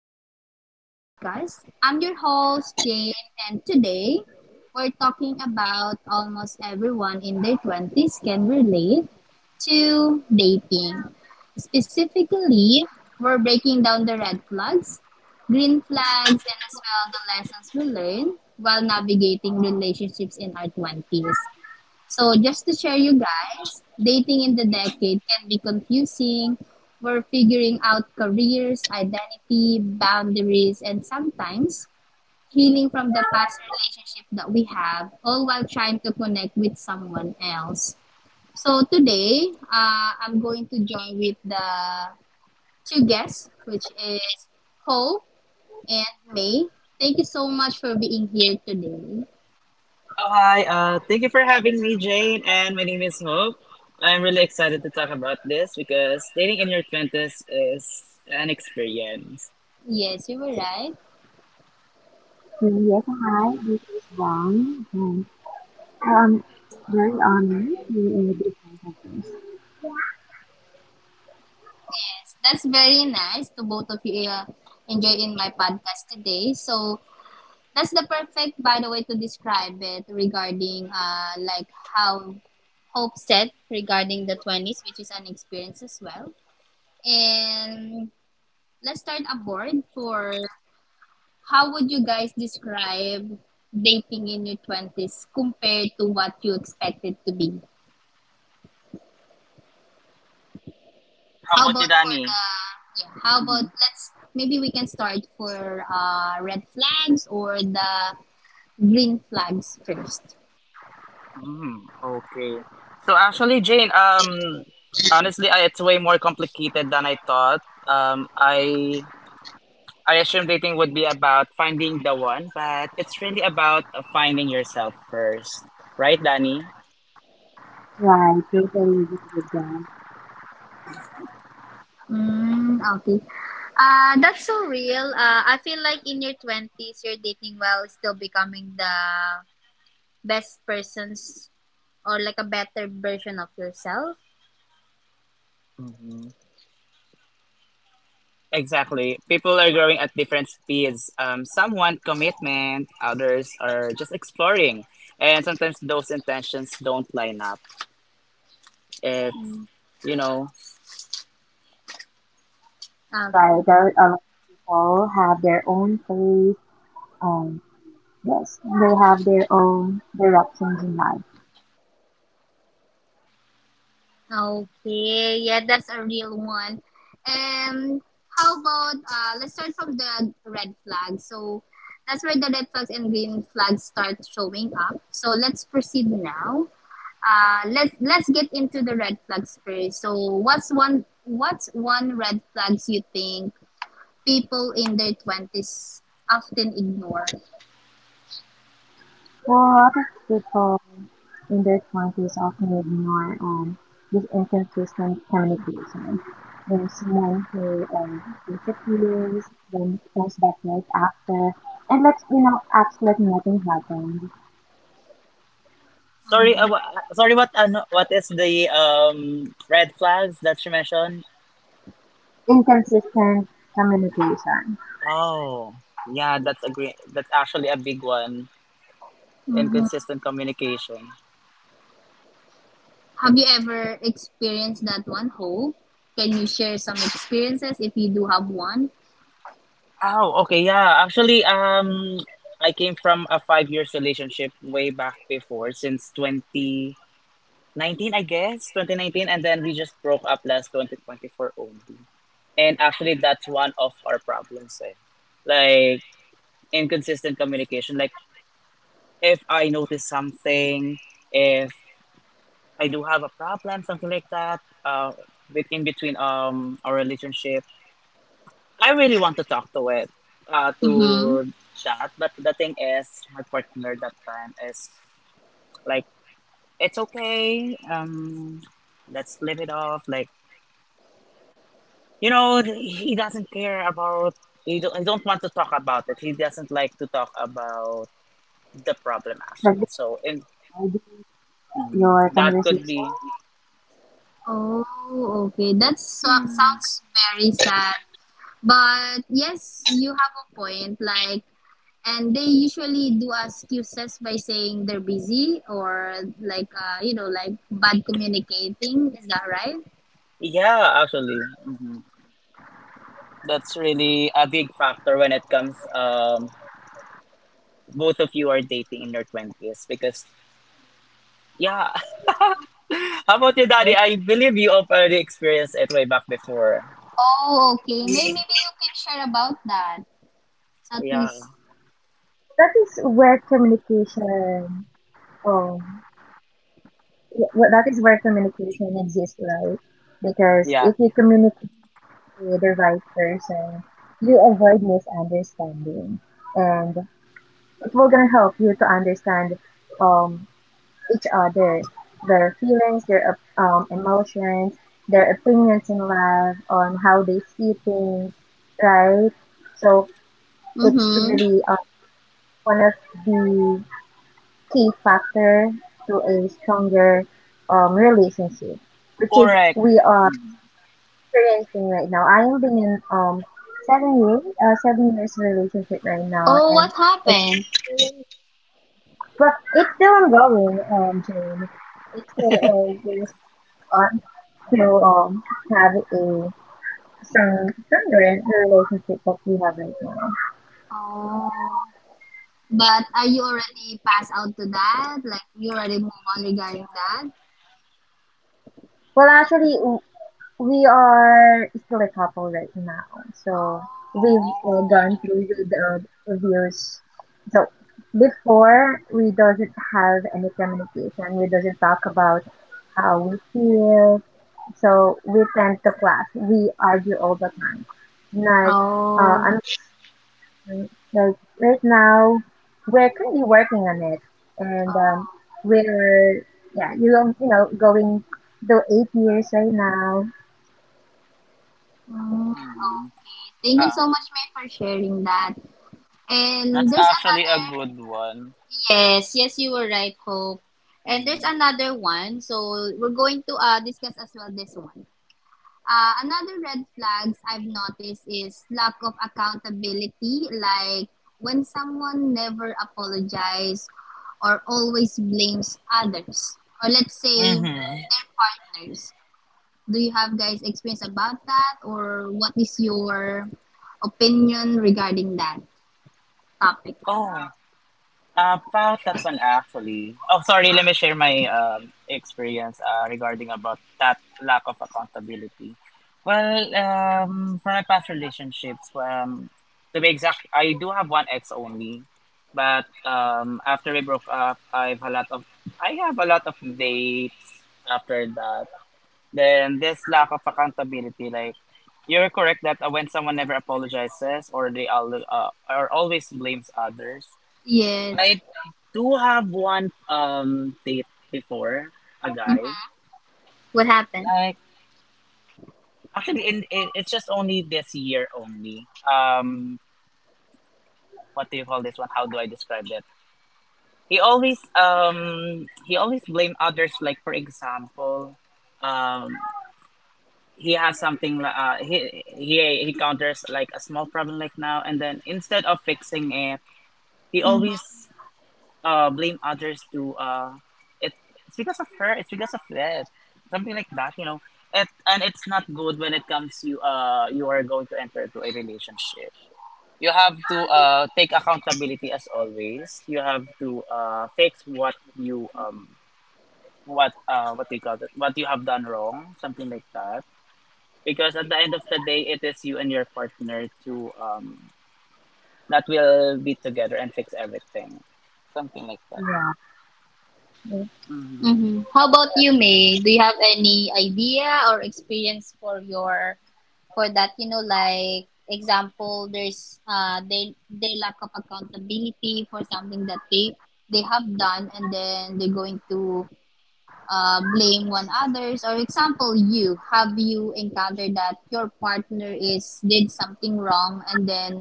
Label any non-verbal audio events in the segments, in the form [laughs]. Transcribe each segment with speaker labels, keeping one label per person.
Speaker 1: back to the podcast. I'm your host, Jane, and today we're talking about almost everyone in their 20s can relate to dating. Specifically, we're breaking down the red flags, green flags, and as well the lessons we learn while navigating relationships in our 20s. So just to share you guys, dating in the decade can be confusing. We're figuring out careers, identity, boundaries, and sometimes healing from the past relationship that we have, all while trying to connect with someone else. So today, I'm going to join with the two guests, which is Hope and May. Thank you so much for being here today.
Speaker 2: Oh, hi. Thank you for having me, Jane. And my name is Hope. I'm really excited to talk about this because dating in your 20s is an experience.
Speaker 1: Yes, you were right.
Speaker 3: Yes, hi, this is Wang, and I am very honored to be in the business of this.
Speaker 1: Yes, that's very nice to both of you enjoy in my podcast today. So that's the perfect, by the way, to describe it regarding like how Hope said regarding the 20s, which is an experience as well. And let's start aboard for how would you guys describe dating in your 20s compared to what you expected to be?
Speaker 2: How
Speaker 1: How
Speaker 2: about
Speaker 1: about
Speaker 2: you,
Speaker 1: for
Speaker 2: Danny?
Speaker 1: the, yeah, how about
Speaker 2: Mm-hmm.
Speaker 1: let's maybe we can start for red flags or the green flags first.
Speaker 2: Mm, okay. So, actually, Jane, honestly, it's way more complicated than I thought. Um, I I assumed dating would be about finding the one, but it's really about finding yourself first, right, Danny?
Speaker 3: Like, totally agree with them.
Speaker 1: Mm, okay. That's so real. I feel like in your 20s, you're dating while still becoming the best persons or like a better version of yourself.
Speaker 2: Exactly. People are growing at different speeds. Some want commitment, others are just exploring. And sometimes those intentions don't line up. It's,
Speaker 1: Mm.
Speaker 2: you know,
Speaker 1: Okay.
Speaker 3: Like, there are a lot of people have their own pace, and yes, they have their own directions in life.
Speaker 1: Okay, yeah, that's a real one. And how about let's start from the red flag. So that's where the red flags and green flags start showing up. So let's proceed now. Let's get into the red flags first. So what's one red flags you think people in their twenties often ignore?
Speaker 3: Well, a lot of people in their twenties often ignore this inconsistent communication. There's someone who disappears, then comes back right after, and lets you know acts like nothing happened.
Speaker 2: sorry,
Speaker 1: Mm-hmm.
Speaker 2: uh, wha- Sorry, what, ano what is the red flags that you mentioned?
Speaker 3: Inconsistent communication,
Speaker 2: Oh, yeah, that's actually a big one.
Speaker 1: Mm-hmm.
Speaker 2: Inconsistent communication.
Speaker 1: Have you ever experienced that one, Hope? Can you share some experiences if you do have one?
Speaker 2: Oh, okay, yeah. Actually, I came from a 5 years relationship way back before, since 20 19, I guess, 2019, and then we just broke up last 2024 only. And actually, that's one of our problems. Eh. Like, inconsistent communication. Like, if I notice something, if I do have a problem, something like that, with, in between our relationship, I really want to talk to it,
Speaker 1: Mm-hmm.
Speaker 2: to that. But the thing is, my partner that time is like, it's okay. Let's live it off. Like, you know, he doesn't care about. He don't want to talk about it. He doesn't like to talk about the problem
Speaker 3: like
Speaker 2: actually. So and
Speaker 3: divide your
Speaker 2: that could
Speaker 3: conversation.
Speaker 2: be.
Speaker 1: Oh, okay. That
Speaker 2: Mm,
Speaker 1: sounds very sad. But yes, you have a point. Like, and they usually do excuses by saying they're busy or like, like bad communicating. Is that right?
Speaker 2: yeah, actually, that's really a big factor when it comes. Both of you are dating in your twenties because yeah. [laughs] How about you, Daddy?
Speaker 3: Um,
Speaker 2: I believe you have already experienced it way back before.
Speaker 1: Oh, okay. Maybe you can share about that. So at
Speaker 2: Yeah.
Speaker 1: least.
Speaker 3: That is where um, that is where communication exists, right? Because
Speaker 2: Yeah.
Speaker 3: if you communicate to the right person, you avoid misunderstanding, and it will gonna help you to understand um each other, their feelings, their emotions, their opinions in life, on how they see things, right? So it's
Speaker 1: Mm-hmm.
Speaker 3: really one of the key factor to a stronger relationship, which is
Speaker 2: Correct.
Speaker 3: we are experiencing right now. I am being in 7 years relationship right now,
Speaker 1: Oh,
Speaker 3: and
Speaker 1: what
Speaker 3: it's
Speaker 1: happened?
Speaker 3: but it's still ongoing, Jane. It's still there's on to have a stronger relationship that we have right now.
Speaker 1: Oh, but are you already passed out to that? Like, you already move on regarding that?
Speaker 3: Well, actually, we are still a couple right now.
Speaker 1: Oh.
Speaker 3: So we've gone through with the reviews. So before we doesn't have any communication. We doesn't talk about how we feel. So we tend to clash. We argue all the time. Like uh,
Speaker 1: Oh,
Speaker 3: I'm like, right now we're currently working on it, and we're yeah, you know, you know, going to 8 years right now.
Speaker 2: Mm-hmm.
Speaker 1: okay. Thank you so much, May, for sharing that. And
Speaker 2: That's
Speaker 1: there's
Speaker 2: actually a
Speaker 1: another,
Speaker 2: good one.
Speaker 1: yes, yes, you were right, Hope. And there's another one, so we're going to discuss as well this one. Another red flags I've noticed is lack of accountability, like when someone never apologizes or always blames others, or let's say
Speaker 2: Mm-hmm.
Speaker 1: their partners. Do you have guys experience about that or what is your opinion regarding that topic?
Speaker 2: Oh, about that one actually. Oh, sorry. Let me share my experience regarding about that lack of accountability. Well, for my past relationships, to be exact, I do have one ex only, but after we broke up, I have a lot of dates after that. Then this lack of accountability, like you're correct that when someone never apologizes or they al or always blames others.
Speaker 1: Yes.
Speaker 2: I do have one date before, a
Speaker 1: Mhm.
Speaker 2: guy
Speaker 1: What happened?
Speaker 2: like actually in it's just only this year only. What do you call this one, how do I describe that? He always blame others, like, for example, um he has something he encounters like a small problem like now and then. Instead of fixing it, he
Speaker 1: Mhm.
Speaker 2: always blame others to it, it's because of her, it's because of that, something like that, you know. It And it's not good when it comes, you you are going to enter to a relationship. You have to take accountability as always. You have to fix what you what do you call it, what you have done wrong, something like that, because at the end of the day, it is you and your partner to that will be together and fix everything, something like that.
Speaker 3: Yeah. Mm.
Speaker 2: Mm-hmm.
Speaker 1: Mhm. How about you, May? Do you have any idea or experience for your for that? You know, like example, there's they lack of accountability for something that they have done, and then they're going to blame one others, or example you encountered that your partner is did something wrong, and then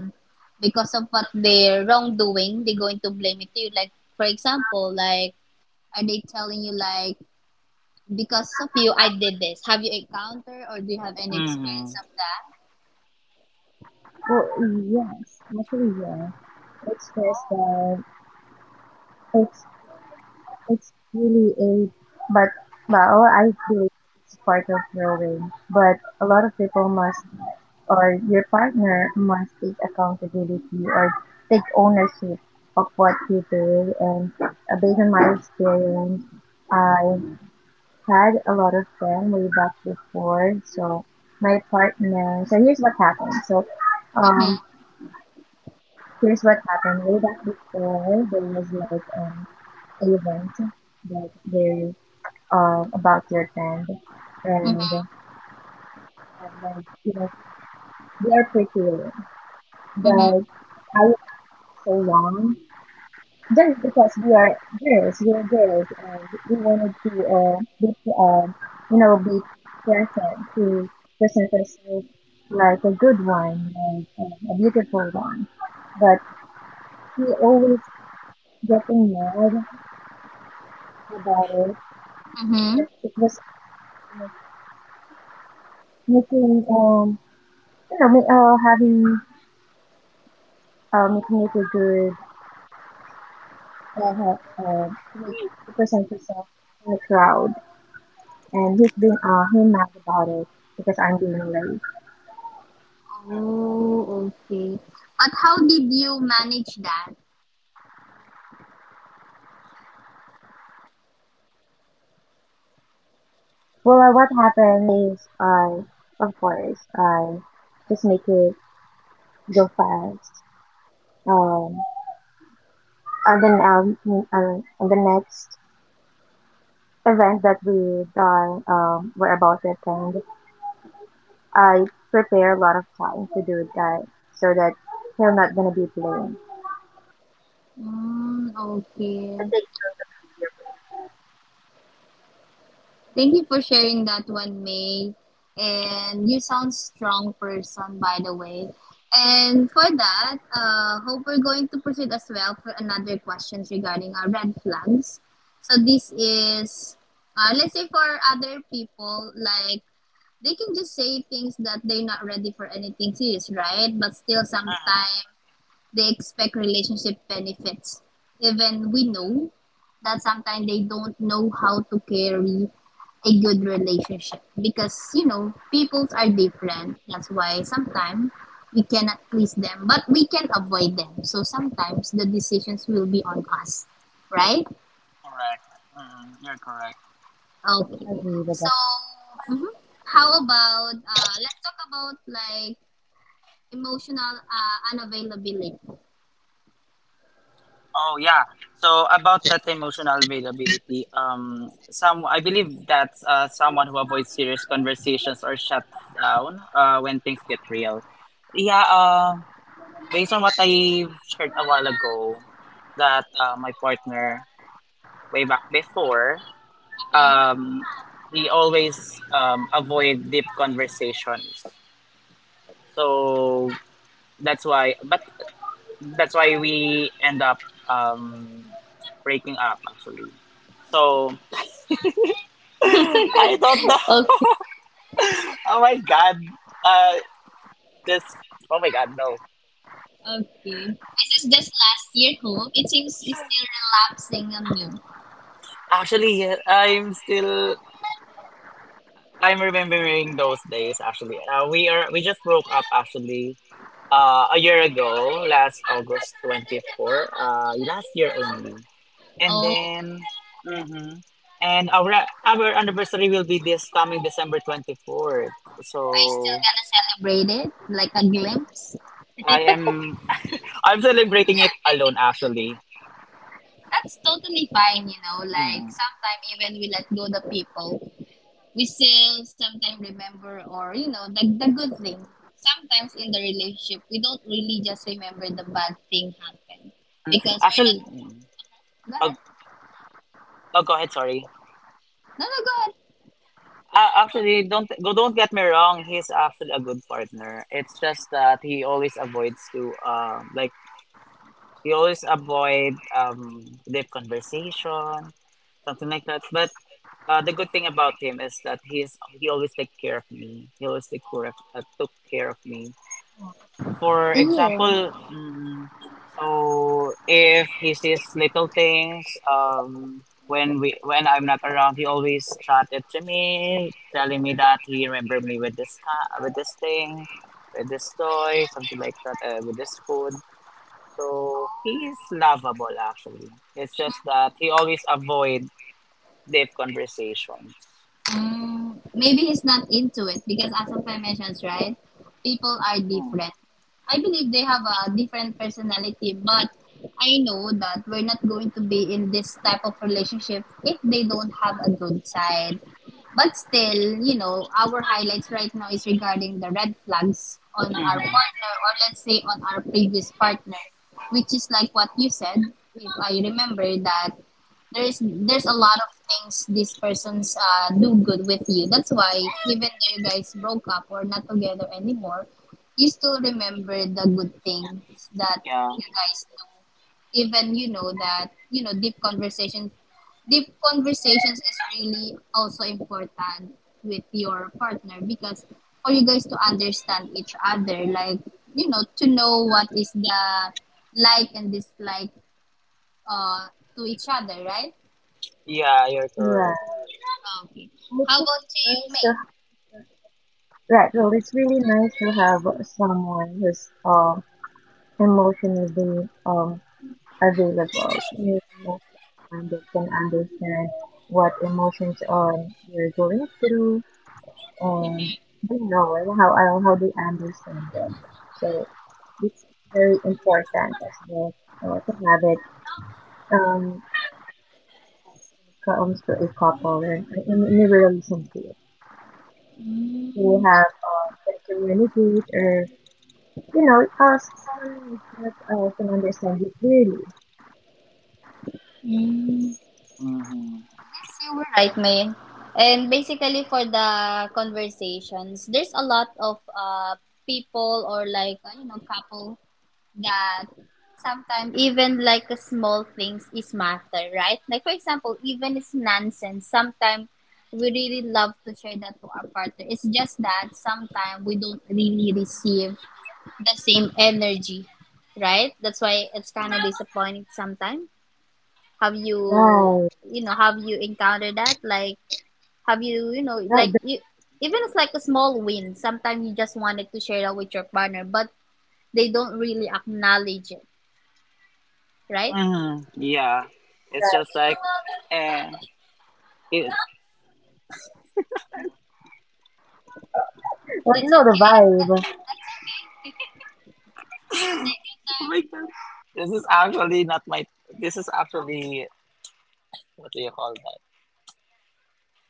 Speaker 1: because of what they're wrongdoing they're going to blame it to you, like for example, like are they telling you, like because of you I did this? Have you encountered or do you have any
Speaker 2: Mm-hmm.
Speaker 1: experience of that?
Speaker 3: Well, yes, actually, yes. It's just that it's it's really a, but well, I believe it's part of growing. But a lot of people must, or your partner must take accountability or take ownership of what you do. And based on my experience, I had a lot of them way back before. So my partner. So here's what happened. So
Speaker 1: Mm-hmm.
Speaker 3: um here's what happened. Way back before, there was like an event that they're about your friend, and
Speaker 1: Mm-hmm.
Speaker 3: and then you know we are pretty,
Speaker 1: Mm-hmm.
Speaker 3: but I was so long just because we are girls, and we wanted to be um be present to present ourselves like a good one, like a beautiful one, but he always getting mad about it, but
Speaker 1: Hmm.
Speaker 3: it was like making you know ma- having making it a good uh, he- uh like, to present yourself in the crowd, and he's been him mad about it because I'm being late.
Speaker 1: Oh, okay, but how did you manage that?
Speaker 3: Well, what happened is I, of course, I just make it go fast. Um and the next event that we done were about to attend, I prepare a lot of time to do that so that he'll not gonna be blamed.
Speaker 1: Mm, okay.
Speaker 3: So I take.
Speaker 1: Thank you for sharing that one, May. And you sound strong person, by the way. And for that, Hope, we're going to proceed as well for another questions regarding our red flags. So this is, let's say for other people, like they can just say things that they're not ready for anything serious, right? But still,
Speaker 2: Uh-huh.
Speaker 1: sometimes they expect relationship benefits, even we know that sometimes they don't know how to carry a good relationship, because you know peoples are different. That's why sometimes we cannot please them, but we can avoid them, so sometimes the decisions will be on us, right?
Speaker 2: Correct. You're correct.
Speaker 1: Okay, so
Speaker 3: Unbelievable. [sighs]
Speaker 1: mhm. How about let's talk about like emotional unavailability.
Speaker 2: Oh, yeah, so about that emotional availability, some I believe that's someone who avoids serious conversations or shuts down when things get real. Yeah, based on what I shared a while ago, that my partner way back before,
Speaker 1: Mm-hmm.
Speaker 2: um, we always avoid deep conversations. So that's why, but that's why we end up um, breaking up actually. So [gasps] [laughs] I don't know.
Speaker 1: Okay.
Speaker 2: [laughs] Oh my god. Uh, this. Oh my god, no.
Speaker 1: Okay. This is just last year, Hope. It seems it's still relapsing on you.
Speaker 2: Actually, I'm still. I'm
Speaker 3: Oh,
Speaker 2: remembering those
Speaker 3: no.
Speaker 2: days. Actually, we are. We just broke up. Actually, a year ago, last August twenty four. Last year only, and
Speaker 1: Oh,
Speaker 2: then mhm. And our anniversary will be this coming December 24th. So
Speaker 1: are you still gonna celebrate it? Like a glimpse?
Speaker 2: I am I'm celebrating it alone
Speaker 1: [laughs]
Speaker 2: actually.
Speaker 1: That's totally fine. Like,
Speaker 2: Mm.
Speaker 1: sometimes even we let go the people, we still sometimes remember or, the good thing. Sometimes in the relationship, we don't really just remember the bad thing happened because we're not.
Speaker 2: Actually, mm.
Speaker 1: Go
Speaker 2: oh,
Speaker 1: ahead.
Speaker 2: oh, go ahead. Sorry.
Speaker 1: No, no, go
Speaker 2: Actually, don't go. Don't get me wrong. He's actually a good partner. It's just that he always avoids to, you always avoid deep conversation, something like that. But the good thing about him is that he always take care of me. He always take care of, took care of me. For
Speaker 1: ahead. Yeah.
Speaker 2: example, so if he sees little things, when we when I'm not around, he always chatted to me, telling me that he remember me with with this thing, with this toy, something like that, with this food. So he's lovable actually. It's just that he always avoid deep conversations.
Speaker 1: Mm, maybe he's not into it because as of I mentioned, right, people are
Speaker 2: Mm.
Speaker 1: different. I believe they have a different personality, but I know that we're not going to be in this type of relationship if they don't have a good side. But still, our highlights right now is regarding the red flags on our
Speaker 2: Mm-hmm.
Speaker 1: partner or let's say on our previous partner, which is like what you said, if I remember that there's a lot of things these persons do good with you. That's why even though you guys broke up or not together anymore, you still remember the good things that
Speaker 2: Yeah.
Speaker 1: you guys do. Even you know that you know deep conversations is really also important with your partner because for you guys to understand each other, like to know what is the like and dislike uh to each other, right?
Speaker 2: Yeah, you're
Speaker 3: Right.
Speaker 2: correct.
Speaker 1: Oh, okay.
Speaker 3: It's
Speaker 1: How
Speaker 3: really
Speaker 1: about to you,
Speaker 3: nice to,
Speaker 1: May?
Speaker 3: right. Well, it's really nice to have someone who's emotionally available. You know, someone that can understand what emotions you're going through. Um, I don't know. I don't how they understand them. So it's very important as well to have it um when it comes to a couple or in a relationship, to
Speaker 1: Mm,
Speaker 3: have
Speaker 1: okay.
Speaker 3: to communicate or you know someone is not can understand you clearly.
Speaker 1: Mm.
Speaker 2: Mm-hmm.
Speaker 1: Yes, you were right, May. And basically, for the conversations, there's a lot of people or like couple that sometimes even like a small things is matter, right? Like for example, even it's nonsense. Sometimes we really love to share that to our partner. It's just that sometimes we don't really receive the same energy, right? That's why it's
Speaker 2: Mm-hmm.
Speaker 1: kind of disappointing sometimes. Have you,
Speaker 3: Right.
Speaker 1: have you encountered that? Like, have you, you know,
Speaker 3: Right.
Speaker 1: like
Speaker 3: That's
Speaker 1: you, even it's like a small win. Sometimes you just wanted to share that with your partner, but they don't really acknowledge it, right?
Speaker 2: Mm-hmm. Yeah. It's just
Speaker 3: right.
Speaker 2: like eh, it,
Speaker 3: Well, you
Speaker 1: That's
Speaker 3: know the
Speaker 1: okay. That,
Speaker 3: vibe.
Speaker 1: that's okay. [laughs] Just take
Speaker 2: oh my god. This is actually not my This is actually, what do you call that?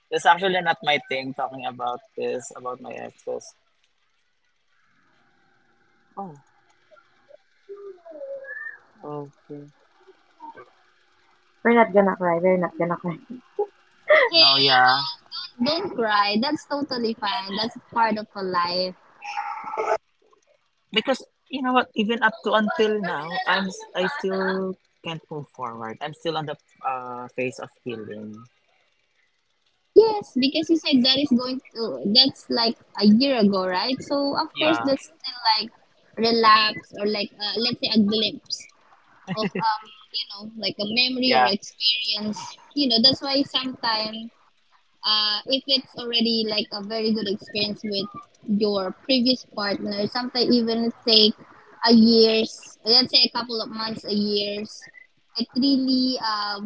Speaker 2: This is actually not my thing talking about this, about my exes. Oh, okay.
Speaker 3: We're not gonna cry. We're not gonna cry.
Speaker 1: your time. Hey,
Speaker 2: No, yeah.
Speaker 1: hon, don't cry. That's totally fine. That's part of a life.
Speaker 2: Because you know what, even up to until now, I still can't move forward. I'm still on the phase of healing.
Speaker 1: Yes, because you said that's like a year ago, right? So, of course,
Speaker 2: Yeah.
Speaker 1: that's still like relapse or like, let's say, a glimpse of, like a memory or
Speaker 2: Yeah.
Speaker 1: experience. You know, that's why sometimes, if it's already like a very good experience with your previous partner, sometimes even take a years, let's say a couple of months, a years, it really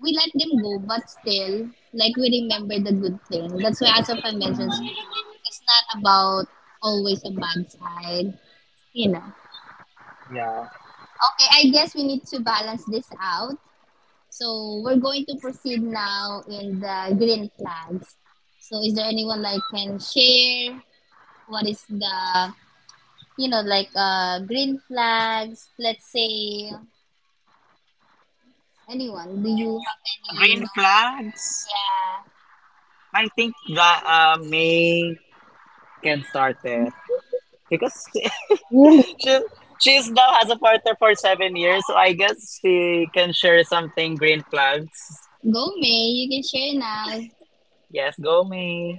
Speaker 1: we let them go, but still, like we remember the good thing. That's why, as of I mentioned,
Speaker 2: Mhm.
Speaker 1: it's not about always a bad side, you know.
Speaker 2: Yeah.
Speaker 1: Okay, I guess we need to balance this out. So we're going to proceed now in the green flags. So is there anyone like can share what is the like green flags? Let's say anyone. Do you have any? No,
Speaker 2: Green
Speaker 1: like,
Speaker 2: flags,
Speaker 1: yeah?
Speaker 2: I think that May can start it,
Speaker 3: [laughs]
Speaker 2: because [laughs]
Speaker 3: Really?
Speaker 2: she she's now has a partner for 7 years, so I guess she can share something green flags.
Speaker 1: Go, May, you can share now.
Speaker 2: Yes, go May.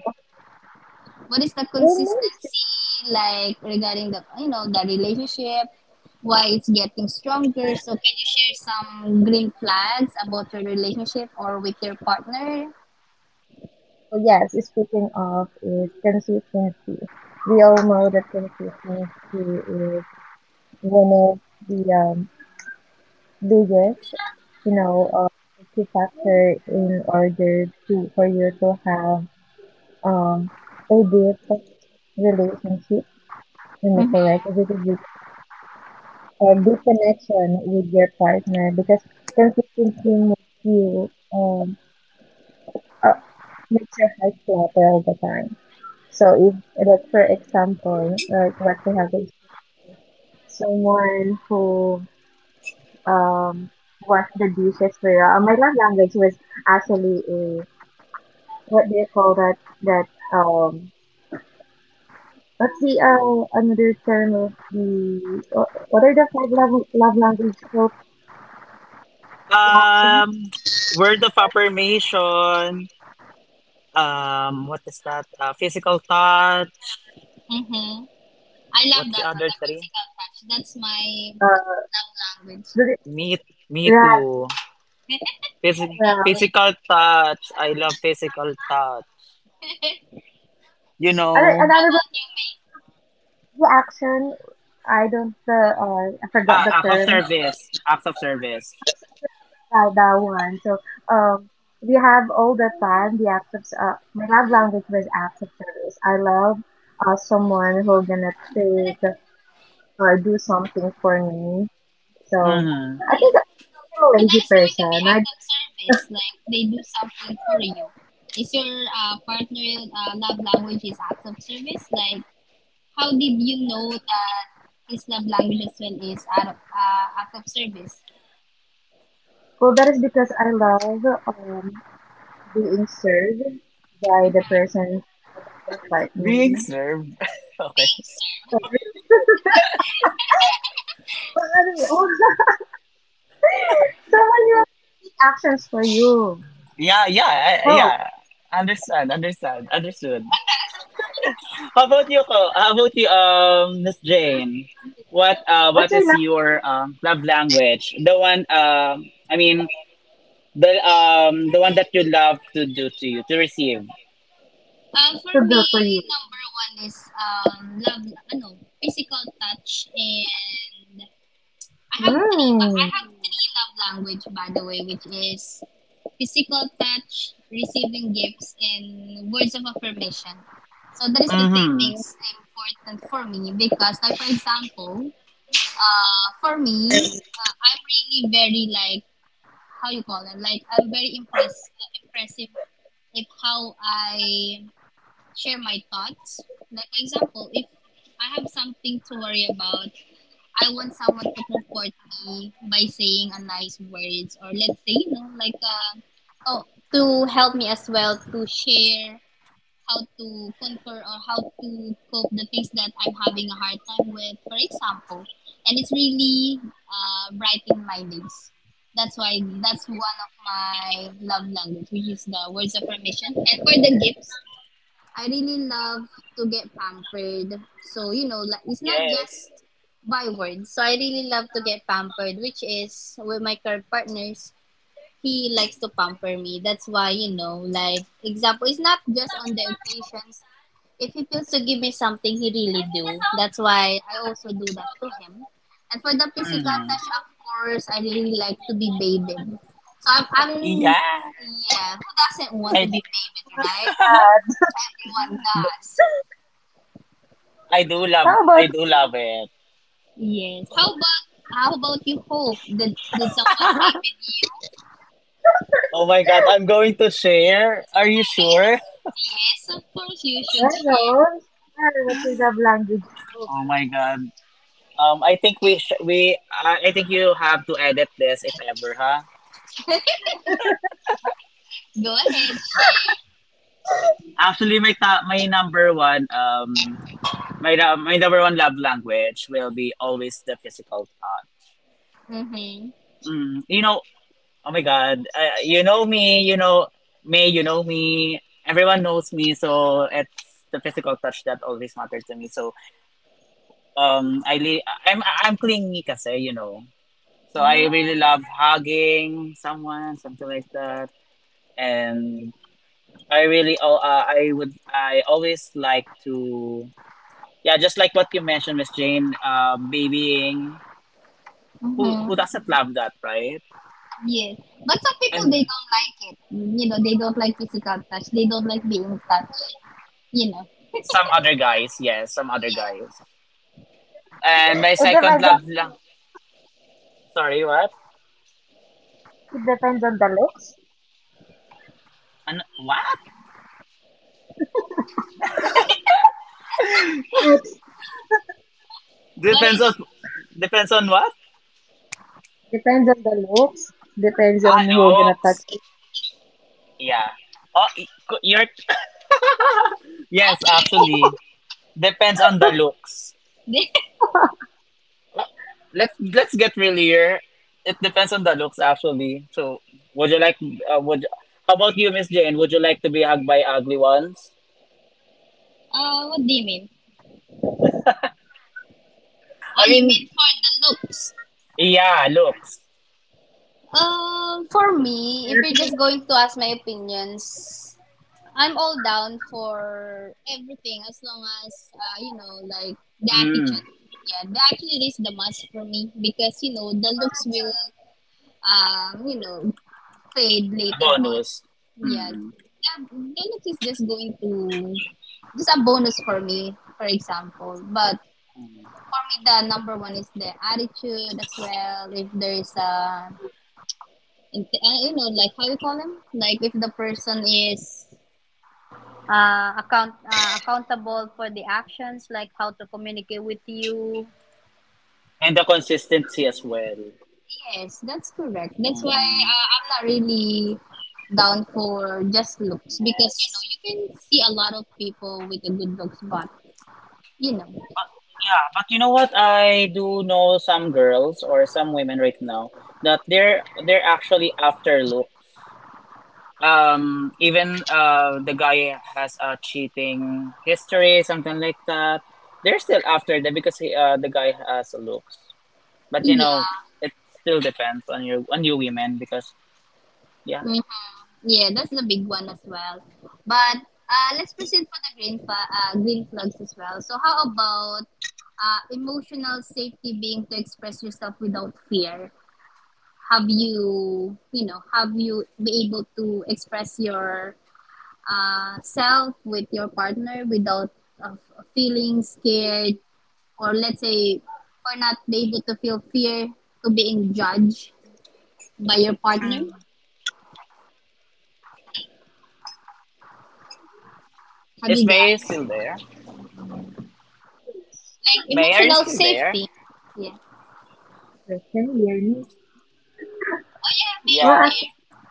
Speaker 1: What is the
Speaker 3: Well,
Speaker 1: consistency like regarding the you know the relationship, why it's getting stronger? So can you share some green flags about your relationship or with your partner?
Speaker 3: well, yes, speaking of is consistency. We all know that consistency is one of the biggest, you know, key factor in order to for you to have um, a deep relationship in the correct,
Speaker 1: Mm-hmm.
Speaker 3: which is with a deep connection with your partner because consistency makes you uh, makes your heart flutter all the time. So if like for example, like what we have is someone who um washed the dishes for you. My love language was actually a, what do you call that, that um what's the another term of the what are the five love love language for the action?
Speaker 2: um Word of affirmation. What is that Physical thought.
Speaker 1: Mm-hmm. I love
Speaker 2: What's the
Speaker 1: that one,
Speaker 2: other
Speaker 1: the
Speaker 2: three?
Speaker 1: physical touch. That's my
Speaker 3: Uh
Speaker 1: love language.
Speaker 3: the-
Speaker 2: Me. Me
Speaker 3: right,
Speaker 2: too.
Speaker 1: [laughs]
Speaker 2: Physical.
Speaker 1: That's
Speaker 3: well,
Speaker 2: Physical
Speaker 1: nice.
Speaker 2: touch, I love physical touch,
Speaker 1: [laughs]
Speaker 2: you
Speaker 3: another
Speaker 2: know.
Speaker 1: How
Speaker 3: another one,
Speaker 1: about you, May?
Speaker 3: the action. I don't I forgot
Speaker 2: Ah,
Speaker 3: the
Speaker 2: act of
Speaker 3: term.
Speaker 2: service, act of service.
Speaker 3: Yeah, that one. So, um, we have all the time the acts of, my love language was acts of service. I love, someone who gonna take or do something for me. So,
Speaker 2: Mm-hmm.
Speaker 3: I think I'm a
Speaker 1: And
Speaker 3: lazy
Speaker 1: that is going to be
Speaker 3: person. I,
Speaker 1: act of service, like they do something for you. Is your partner love language is acts of service, like how did you know that his love language as well is out of, act of service?
Speaker 3: well, that is because I love, being served by the
Speaker 1: Mm-hmm.
Speaker 3: person, my
Speaker 2: Being
Speaker 3: partner.
Speaker 2: served [laughs] okay.
Speaker 1: Being
Speaker 3: So,
Speaker 1: served.
Speaker 3: oh, [laughs] someone will take actions for you.
Speaker 2: Yeah, yeah, I-
Speaker 3: Oh,
Speaker 2: yeah, understand, understand, understood. How about you, Ko? How about you, Miss Jane?
Speaker 3: what's
Speaker 2: What
Speaker 3: your
Speaker 2: is
Speaker 3: love
Speaker 2: your love language, the one, the the one that you love to do to you, to receive.
Speaker 1: For
Speaker 3: to
Speaker 1: me,
Speaker 3: do for you?
Speaker 1: number one is love, ano, physical touch, and I
Speaker 3: Hmm.
Speaker 1: have three love language by the way, which is physical touch, receiving gifts, and words of affirmation. So that is the three
Speaker 2: Mm-hmm.
Speaker 1: things important for me because, like for example, for me, I'm really very like how you call it. Like I'm very impressive with how I share my thoughts. Like for example, if I have something to worry about, I want someone to comfort me by saying a nice words, or let's say oh to help me as well to share how to conquer or how to cope the things that I'm having a hard time with, for example. And it's really brightening my days. That's why that's one of my love language, which is the words of permission. And for the gifts, I really love to get pampered. So like it's not just
Speaker 2: Yes.
Speaker 1: by words. So I really love to get pampered, which is with my current partners. He likes to pamper me. That's why like example, it's not just on the occasions, if he feels to give me something, he really do. That's why I also do that to him. And for the physical
Speaker 2: Mm-hmm.
Speaker 1: touch, of course, I really like to be babied. So I'm
Speaker 2: Yeah.
Speaker 1: yeah, who doesn't want to
Speaker 2: I
Speaker 1: be babied, right? Everyone does.
Speaker 2: I do love,
Speaker 3: How about
Speaker 2: I do love it.
Speaker 1: Yes. How about you, Hope? Did someone baby you?
Speaker 2: Oh my god, I'm going to share. Are you sure?
Speaker 1: [laughs] Yes, of course you should
Speaker 3: Carols? Carol, what's the language? Oh,
Speaker 2: Oh my god. I think we sh- we I think you have to edit this if ever, huh?
Speaker 1: share. [laughs] Go ahead, share.
Speaker 2: Actually, my number one my number one love language will be always the physical touch.
Speaker 1: Mhm.
Speaker 2: Mm, you know, oh my God, you know me, you know me, you know me. Everyone knows me, so it's the physical touch that always mattered to me. So, I li- I'm clingy kasi, you know. So I
Speaker 1: Oh.
Speaker 2: really love hugging someone, something like that, and I really I always like to, yeah, just like what you mentioned, Miss Jane, babying.
Speaker 1: Mhm.
Speaker 2: Who doesn't love that, right?
Speaker 1: Yes, but some people
Speaker 2: And
Speaker 1: they don't like it. You know, they don't like physical touch. They don't like being touched. You know.
Speaker 2: some other guys, yes, some other
Speaker 1: Yeah.
Speaker 2: guys. And my
Speaker 3: it
Speaker 2: second
Speaker 3: depends on,
Speaker 2: love lang. Sorry, what?
Speaker 3: it depends on the looks.
Speaker 2: Ano? What?
Speaker 3: It
Speaker 1: What is
Speaker 2: Depends on,
Speaker 1: it?
Speaker 2: depends on what?
Speaker 3: depends on the looks. Depends
Speaker 2: Ah,
Speaker 3: on who gonna touch
Speaker 2: looks.
Speaker 3: you.
Speaker 2: Yeah. Oh, y- co- your
Speaker 1: What
Speaker 2: Yes,
Speaker 1: do you mean?
Speaker 2: actually, depends on the looks.
Speaker 3: [laughs]
Speaker 2: Let's get real here. It depends on the looks, actually. So, would you like? Would How about you, Miss Jane? Would you like to be hugged by ugly ones?
Speaker 1: [laughs] What do you mean? Ah,
Speaker 2: I
Speaker 1: you mean
Speaker 2: mean,
Speaker 1: for the looks?
Speaker 2: yeah, looks.
Speaker 1: For me, if you're just going to ask my opinions, I'm all down for everything, as long as you know, like the
Speaker 2: Mm,
Speaker 1: attitude. Yeah, the attitude is the must for me because you know the looks will, you know, fade later on.
Speaker 2: bonus.
Speaker 1: Yeah.
Speaker 2: Mm.
Speaker 1: Yeah, Linux is just going to just a bonus for me, for example. But for me, the number one is the attitude as well. If there is a, if- You know, like how you call them, like if the person is accountable for the actions, like how to communicate with you.
Speaker 2: And the consistency as well.
Speaker 1: Yes, that's correct. That's why
Speaker 2: Mm-hmm.
Speaker 1: I'm not really down for just looks because you know
Speaker 2: Yes.
Speaker 1: you can see a lot of people with a good looks, but you know,
Speaker 2: Yeah, but you know what? I do know some girls or some women right now that they're actually after look. Even the guy has a cheating history, something like that, they're still after that because he, the guy has looks. But you know,
Speaker 1: yeah,
Speaker 2: it still depends on your, on you women because yeah,
Speaker 1: hmm, yeah, that's the big one as well. But let's proceed for the green flags as well. So how about emotional safety, being to express yourself without fear? Have you be able to express your self with your partner without uh, feeling scared, or let's say or not be able to feel fear to being judged by your partner? Have
Speaker 2: is
Speaker 1: you
Speaker 2: May still
Speaker 1: guys?
Speaker 2: there?
Speaker 1: Like
Speaker 2: May, are you
Speaker 1: emotional
Speaker 2: still there?
Speaker 1: safety. Yeah.
Speaker 3: Can you hear me?
Speaker 1: Oh yeah, May's
Speaker 3: Well,
Speaker 2: Yeah.
Speaker 3: actually,
Speaker 1: there.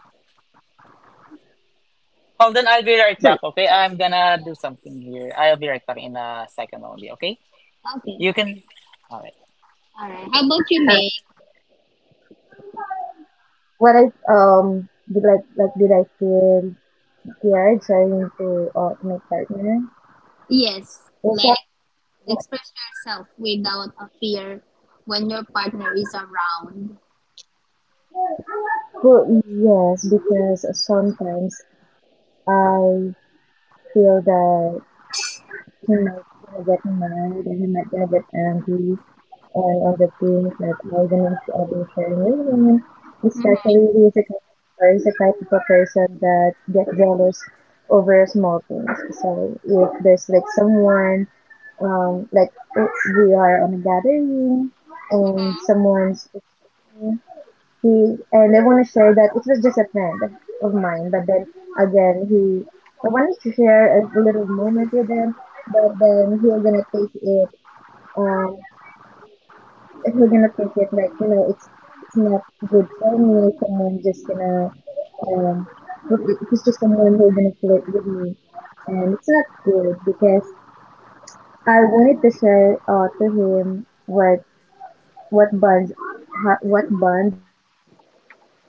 Speaker 2: Hold on, I'll be right
Speaker 3: so,
Speaker 2: back, okay? I'm gonna do something here. I'll be right back in a second only, okay?
Speaker 1: Okay.
Speaker 2: You can. Alright,
Speaker 1: All right. How about you,
Speaker 3: uh,
Speaker 1: May?
Speaker 3: what I did, like did I feel scared trying to my partner?
Speaker 1: Yes.
Speaker 3: Is that,
Speaker 1: Like express yourself without a fear when your partner is around.
Speaker 3: well, yes, because sometimes I feel that he might gonna get mad and he might gonna get angry on the themes that Ivan's been sharing with women, especially he is a, kind of- or is a type of a person that get jealous over small things. So if there's like someone, um, like uh, we are on a gathering and someone's, he and I want to share that it was just a friend of mine, but then again he, I wanted to share a little moment with him, but then he's gonna take it, um we're gonna think it like you know it's not good for me, someone just gonna um if it's just someone who's gonna flirt with me, and it's not good because I wanted to share to him what what bond what bond we have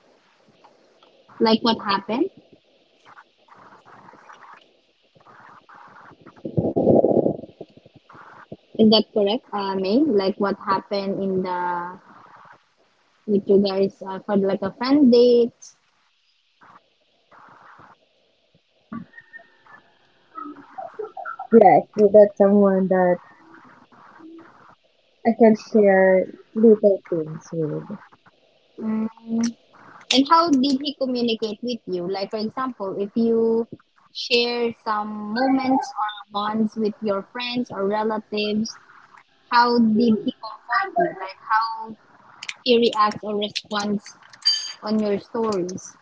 Speaker 3: of that
Speaker 1: Like what
Speaker 3: specific
Speaker 1: happened?
Speaker 3: person without judging that person. So I wanted to someone that will
Speaker 1: Is that correct,
Speaker 3: gonna
Speaker 1: May? Like what
Speaker 3: take
Speaker 1: happened
Speaker 3: that
Speaker 1: in the
Speaker 3: just a story of mine,
Speaker 1: with you guys
Speaker 3: you
Speaker 1: for
Speaker 3: know,
Speaker 1: like a friend
Speaker 3: that person,
Speaker 1: date?
Speaker 3: I'm just gonna say no. Yes, that's someone that I can share little things with.
Speaker 1: Um, and how did he communicate with you? Like for example, if you share some moments or bonds with your friends or relatives, how did he comfort you? Like how he reacts or responds on your stories?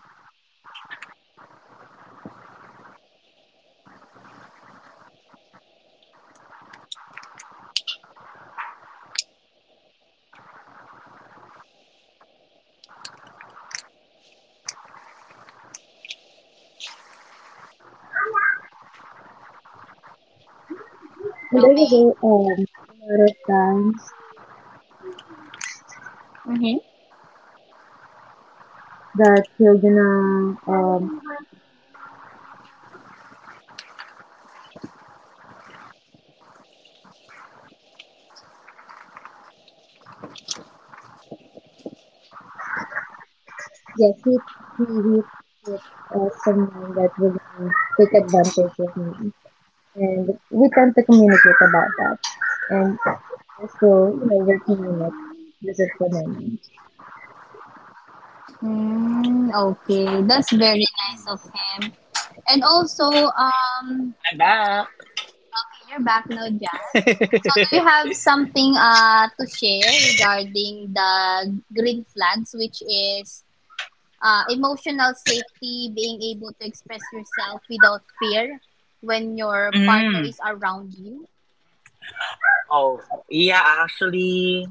Speaker 3: Well, he do all the times that, oh my goodness. And there was a lot of times
Speaker 1: Mm-hmm.
Speaker 3: that you're gonna see it, someone that we're gonna, he he take it yes he he take it as someone that will gonna take advantage of me, and we tend to communicate about that. And we're still, you know, working on it as of the moment.
Speaker 1: Mm, okay, that's very nice of him. And also,
Speaker 2: I'm back.
Speaker 1: okay, you're back now, Jazz. So,
Speaker 2: [laughs]
Speaker 1: do you have something to share regarding the green flags, which is emotional safety, being able to express yourself without fear when your partner
Speaker 2: Mm.
Speaker 1: is around you?
Speaker 2: Oh, yeah, actually,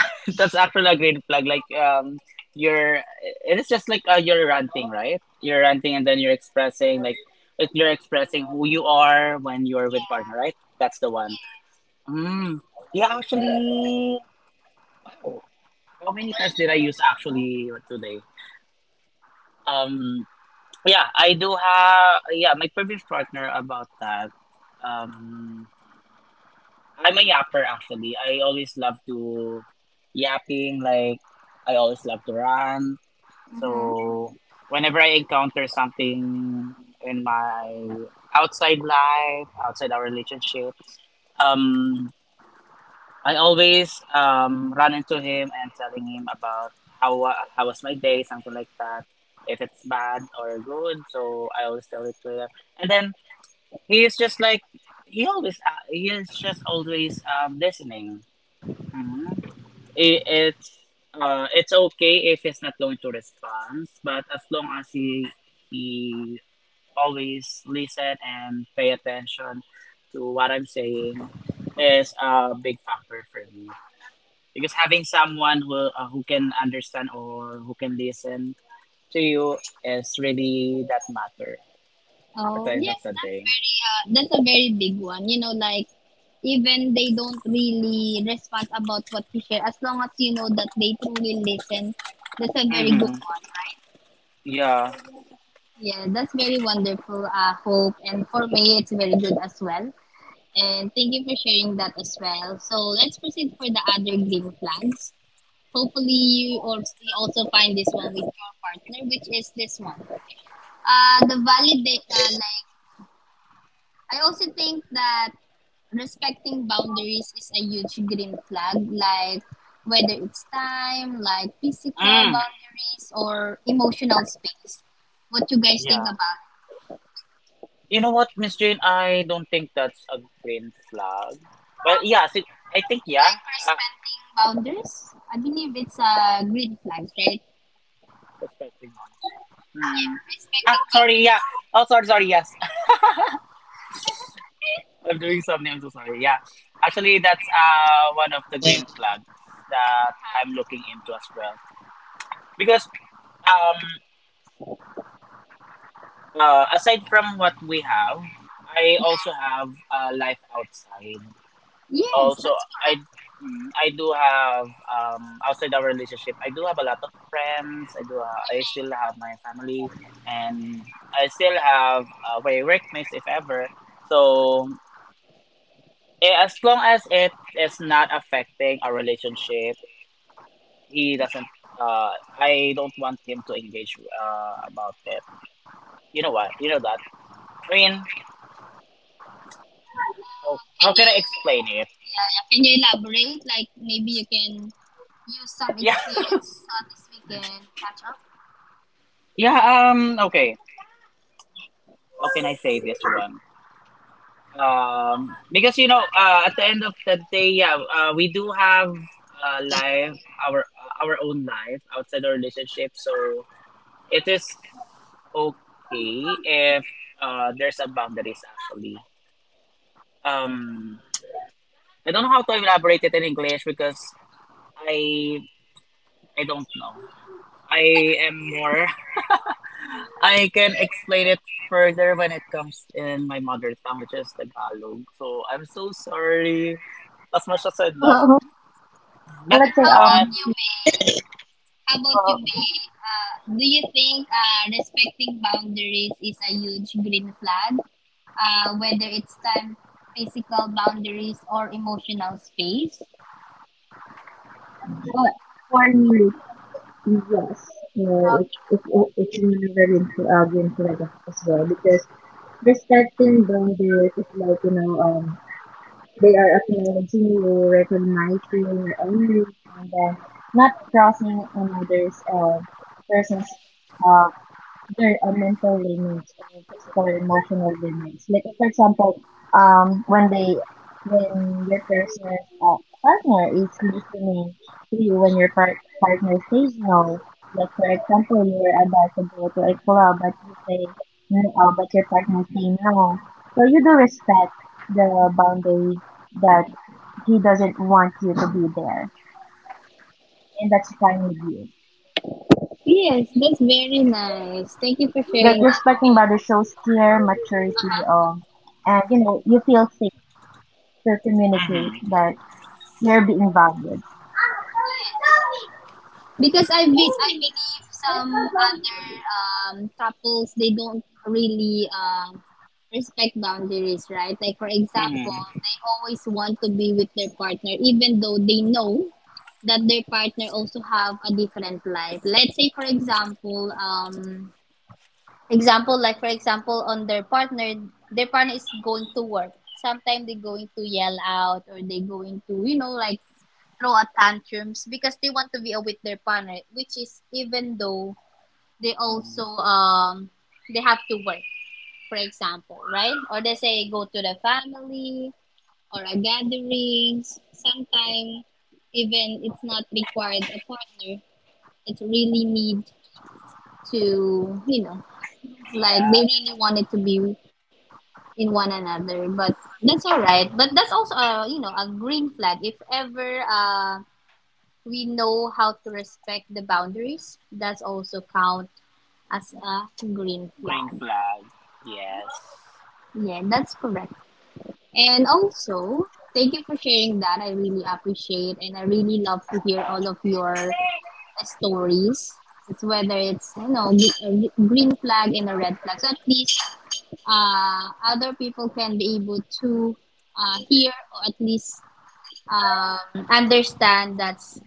Speaker 2: [laughs] that's actually a great plug. Like, you're, it is just like you're ranting, right? You're ranting and then you're expressing, like, if you're expressing who you are when you're with partner, right? That's the one.
Speaker 1: Yes.
Speaker 2: Mm. Yeah, actually, wow. How many times did I use actually today? Um. Yeah, I do have, yeah, my previous partner about that. Um I'm a yapper actually. I always love to yapping, like I always love to run.
Speaker 1: Mm-hmm.
Speaker 2: So whenever I encounter something in my outside life, outside our relationship, um I always run into him and telling him about how was my day, something like that. If it's bad or good, so I always tell it to him. And then, He is just like he always. He is just always listening. hmm it's it's okay if he's not going to respond, but as long as he always listen and pay attention to what I'm saying is a big factor for me. Because having someone who can understand or who can listen to you is really that matter at
Speaker 1: Oh,
Speaker 2: the end of
Speaker 1: yes,
Speaker 2: the
Speaker 1: that's
Speaker 2: day.
Speaker 1: very that's a very big one. You know, like even they don't really respond about what you share, as long as you know that they truly listen, that's a very good
Speaker 2: Mm-hmm.
Speaker 1: one.
Speaker 2: Yeah.
Speaker 1: Yeah, that's very wonderful, Hope. And for me, it's very good as well. And thank you for sharing that as well. So let's proceed for the other green flags. Hopefully, you also find this one with your partner, which is this one. The validate, like, I also think that respecting boundaries is a huge green flag, like whether it's time, like physical
Speaker 2: Mm.
Speaker 1: boundaries, or emotional space. What you guys
Speaker 2: Yeah.
Speaker 1: think about
Speaker 2: You know what, Miss Jane? I don't think that's a green flag. Well, yeah, see, I think, yeah.
Speaker 1: like
Speaker 2: Uh,
Speaker 1: respecting boundaries. I believe it's a green flag, right?
Speaker 2: respecting norms.
Speaker 1: Yeah,
Speaker 2: Hmm. Ah,
Speaker 1: respecting
Speaker 2: sorry, yeah.
Speaker 1: boundaries.
Speaker 2: Oh, sorry, sorry, yes. [laughs]
Speaker 1: [laughs]
Speaker 2: I'm doing something, I'm so sorry, yeah. Actually, that's one of the green flags that I'm
Speaker 1: Uh-huh.
Speaker 2: looking into as well. Because, um, aside from what we have, I also
Speaker 1: Yeah.
Speaker 2: have a life outside.
Speaker 1: Yes, that's
Speaker 2: Also, I
Speaker 1: correct.
Speaker 2: I do have, outside our relationship, I do have a lot of friends. I still
Speaker 1: Okay.
Speaker 2: have my family, and I still have, my workmates if ever. So, as long as it is not affecting our relationship, he doesn't uh I don't want him to engage about it. You know what you know that I mean how,
Speaker 1: Can
Speaker 2: how can I explain
Speaker 1: you
Speaker 2: it?
Speaker 1: yeah, yeah, can you elaborate? Like maybe you can use some
Speaker 2: Yeah.
Speaker 1: experience so this we can catch up.
Speaker 2: [laughs] Yeah, okay, how can I say this one? Because, you know, at the end of the day, yeah, we do have life, our own life outside our relationship. So it is okay if, there's a boundaries actually. um I don't know how to elaborate it in English, because i I don't know. I am more… [laughs] I can explain it further when it comes in my mother tongue, which is Tagalog, so I'm so sorry. As much as I love…
Speaker 3: Um, well,
Speaker 2: But
Speaker 1: Okay,
Speaker 3: let's say,
Speaker 1: how about
Speaker 2: uh,
Speaker 1: you, May? How about you,
Speaker 3: uh,
Speaker 1: May? Do you think respecting boundaries is a huge green flag? Whether it's time, physical boundaries, or emotional space?
Speaker 3: well, for me, yes, you know, it's very important, very important as well, because respecting boundaries is like, you know, they are acknowledging you, recognizing your own needs, and then not crossing another's person's uh, there are mental limits or physical or emotional limits. Like for example, when they, when your person uh, partner is listening to you, when your part, partner says no. Like for example, you're about to go to a club, but you say no, but your partner say no. So you do respect the boundary that he doesn't want you to be there, and that's fine with you.
Speaker 1: Yes, that's very nice. Thank you for
Speaker 3: Like
Speaker 1: sharing that.
Speaker 3: respecting boundaries shows care, maturity, and you know you feel safe to communicate
Speaker 2: mm-hmm,
Speaker 3: that you're being valued.
Speaker 1: Yes. Because I believe some other couples they don't really
Speaker 3: Tama ba?
Speaker 1: respect boundaries, right? Like for example,
Speaker 2: mm-hmm,
Speaker 1: they always want to be with their partner even though they know that their partner also have a different life. Let's say for example, example like for example on their partner is going to work. Sometimes they're going to yell out or they're going to, you know, like throw a tantrums because they want to be with their partner, which is even though they also
Speaker 2: hmm,
Speaker 1: they have to work, for example, right? Or they say go to the family or a gatherings. Sometimes even it's not required a partner. It's really need to you know like
Speaker 2: yeah,
Speaker 1: they really wanted to be in one another, but that's all right, but that's also you know a green flag if ever we know how to respect the boundaries. That's also count as a green
Speaker 2: green
Speaker 1: flag.
Speaker 2: flag, yes.
Speaker 1: Yeah, that's correct. And also, thank you for sharing that. I really appreciate and I really love to hear all of your stories. It's whether it's you know green flag and a red flag. So at least other people can be able to hear or at least understand that's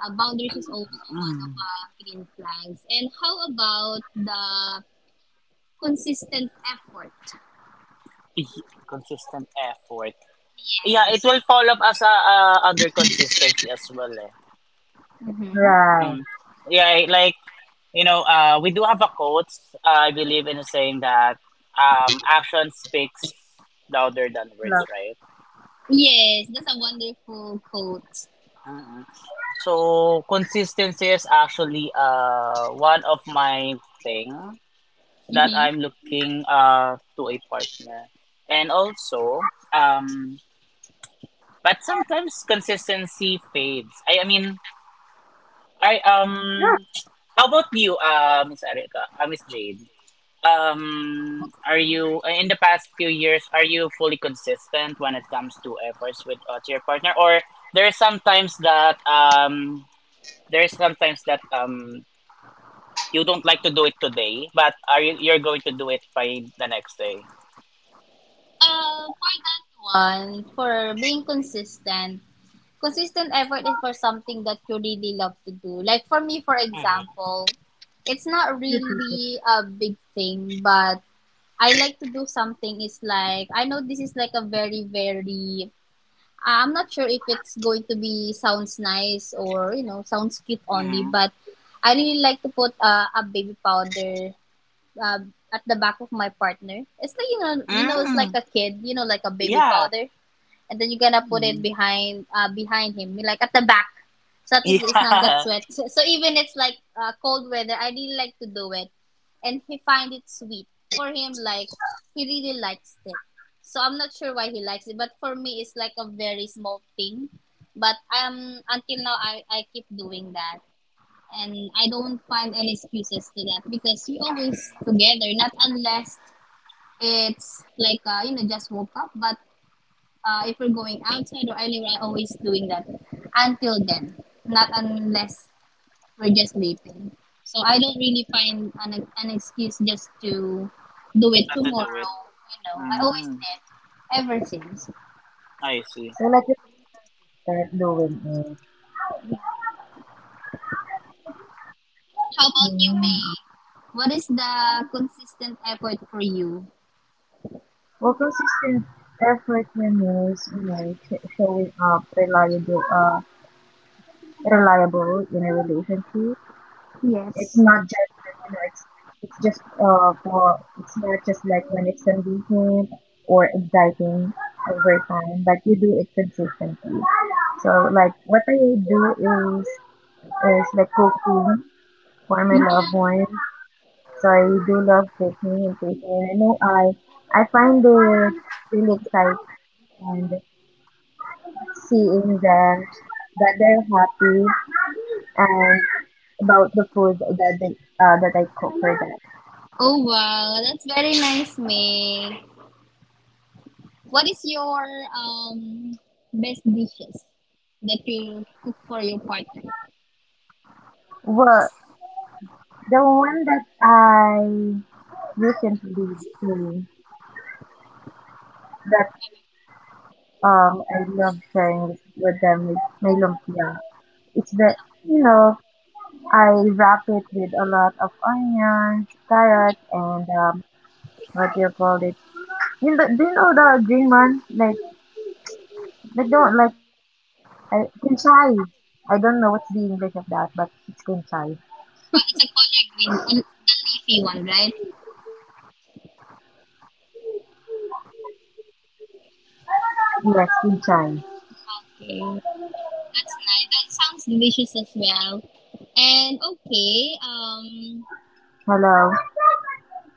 Speaker 1: boundaries is also one of
Speaker 2: Mm.
Speaker 1: green flags. And how about the consistent effort?
Speaker 2: Y- Consistent effort. Yeah, it
Speaker 1: Yes.
Speaker 2: will follow up as a, under consistency as well. Eh.
Speaker 1: Mm-hmm.
Speaker 3: Right.
Speaker 2: Mm. Yeah, like, you know, we do have a quote. I believe in saying that, action speaks louder than words,
Speaker 3: Love.
Speaker 2: right?
Speaker 1: Yes, that's a wonderful quote.
Speaker 2: Mm-mm. So consistency is actually one of my thing that
Speaker 1: Mm-hmm.
Speaker 2: I'm looking to a partner. And also, but sometimes consistency fades. I mean, I
Speaker 3: Yeah,
Speaker 2: how about you, Miss Erica, Miss Jade? Are you, in the past few years, are you fully consistent when it comes to efforts with, to your partner, or there are some times that, there's sometimes that, you don't like to do it today, but are you you're going to do it by the next day?
Speaker 1: For that one, for being consistent, consistent effort is for something that you really love to do. Like for me, for
Speaker 2: Mm-hmm.
Speaker 1: example, it's not
Speaker 3: you did.
Speaker 1: really a big thing, but I like to do something. It's like, I know this is like a very, very uh, I'm not sure if it's going to be sounds nice or you know sounds cute only,
Speaker 2: Mm-hmm.
Speaker 1: but I really like to put a baby powder, uh, at the back of my partner. It's like you know it's like
Speaker 2: Mm.
Speaker 1: a kid you know like a baby
Speaker 2: Yeah.
Speaker 1: powder, and then you're gonna put it
Speaker 2: Mhm.
Speaker 1: behind behind him, like at the back, so at
Speaker 2: [laughs]
Speaker 1: least it's not get
Speaker 2: Yeah.
Speaker 1: sweat. So, so even it's like cold weather, I really like to do it, and he find it sweet for him. Like he really likes it. So I'm not sure why he likes it, but for me it's like a very small thing. But until now I keep doing that, and I don't find any excuses to that because we always together, not unless it's like you know just woke up, but if we're going outside or anywhere, I'm always doing that until then, not unless we're just dating. So I don't really find an excuse just to do it
Speaker 2: Not to do it.
Speaker 1: tomorrow. You know, I always
Speaker 2: Mm.
Speaker 1: did ever since.
Speaker 2: I see.
Speaker 3: So like you said, doing it.
Speaker 1: How about you,
Speaker 3: Mm.
Speaker 1: May? What is the consistent effort for you?
Speaker 3: Well, consistent effort can means, you know, showing up reliable, reliable in a relationship.
Speaker 1: Yes.
Speaker 3: It's not just, you know, it's not just like when it's convenient or exciting over time, but you do it consistently. So like what I do is like cooking for my
Speaker 1: Mhm.
Speaker 3: loved ones. So I do love the communication. And I know I find it really exciting, and seeing them that they're happy and about the food that they, that I cook for them.
Speaker 1: Oh wow, that's very nice, May. What is your um best dishes that you cook for your partner?
Speaker 3: Well, the one that I recently doing that I love sharing this with them is my lumpia. It's the, you know, I wrap it with a lot of onions, carrots, and what do you call it? You know, do you know the green one? Like, they don't like celery. Kinchay. I don't know what's the English of that, but it's kinchay.
Speaker 1: It's a collard green, and the leafy one, right?
Speaker 3: Yes, kinchay.
Speaker 1: Okay, that's nice. That sounds delicious as well. And okay,
Speaker 3: Hello.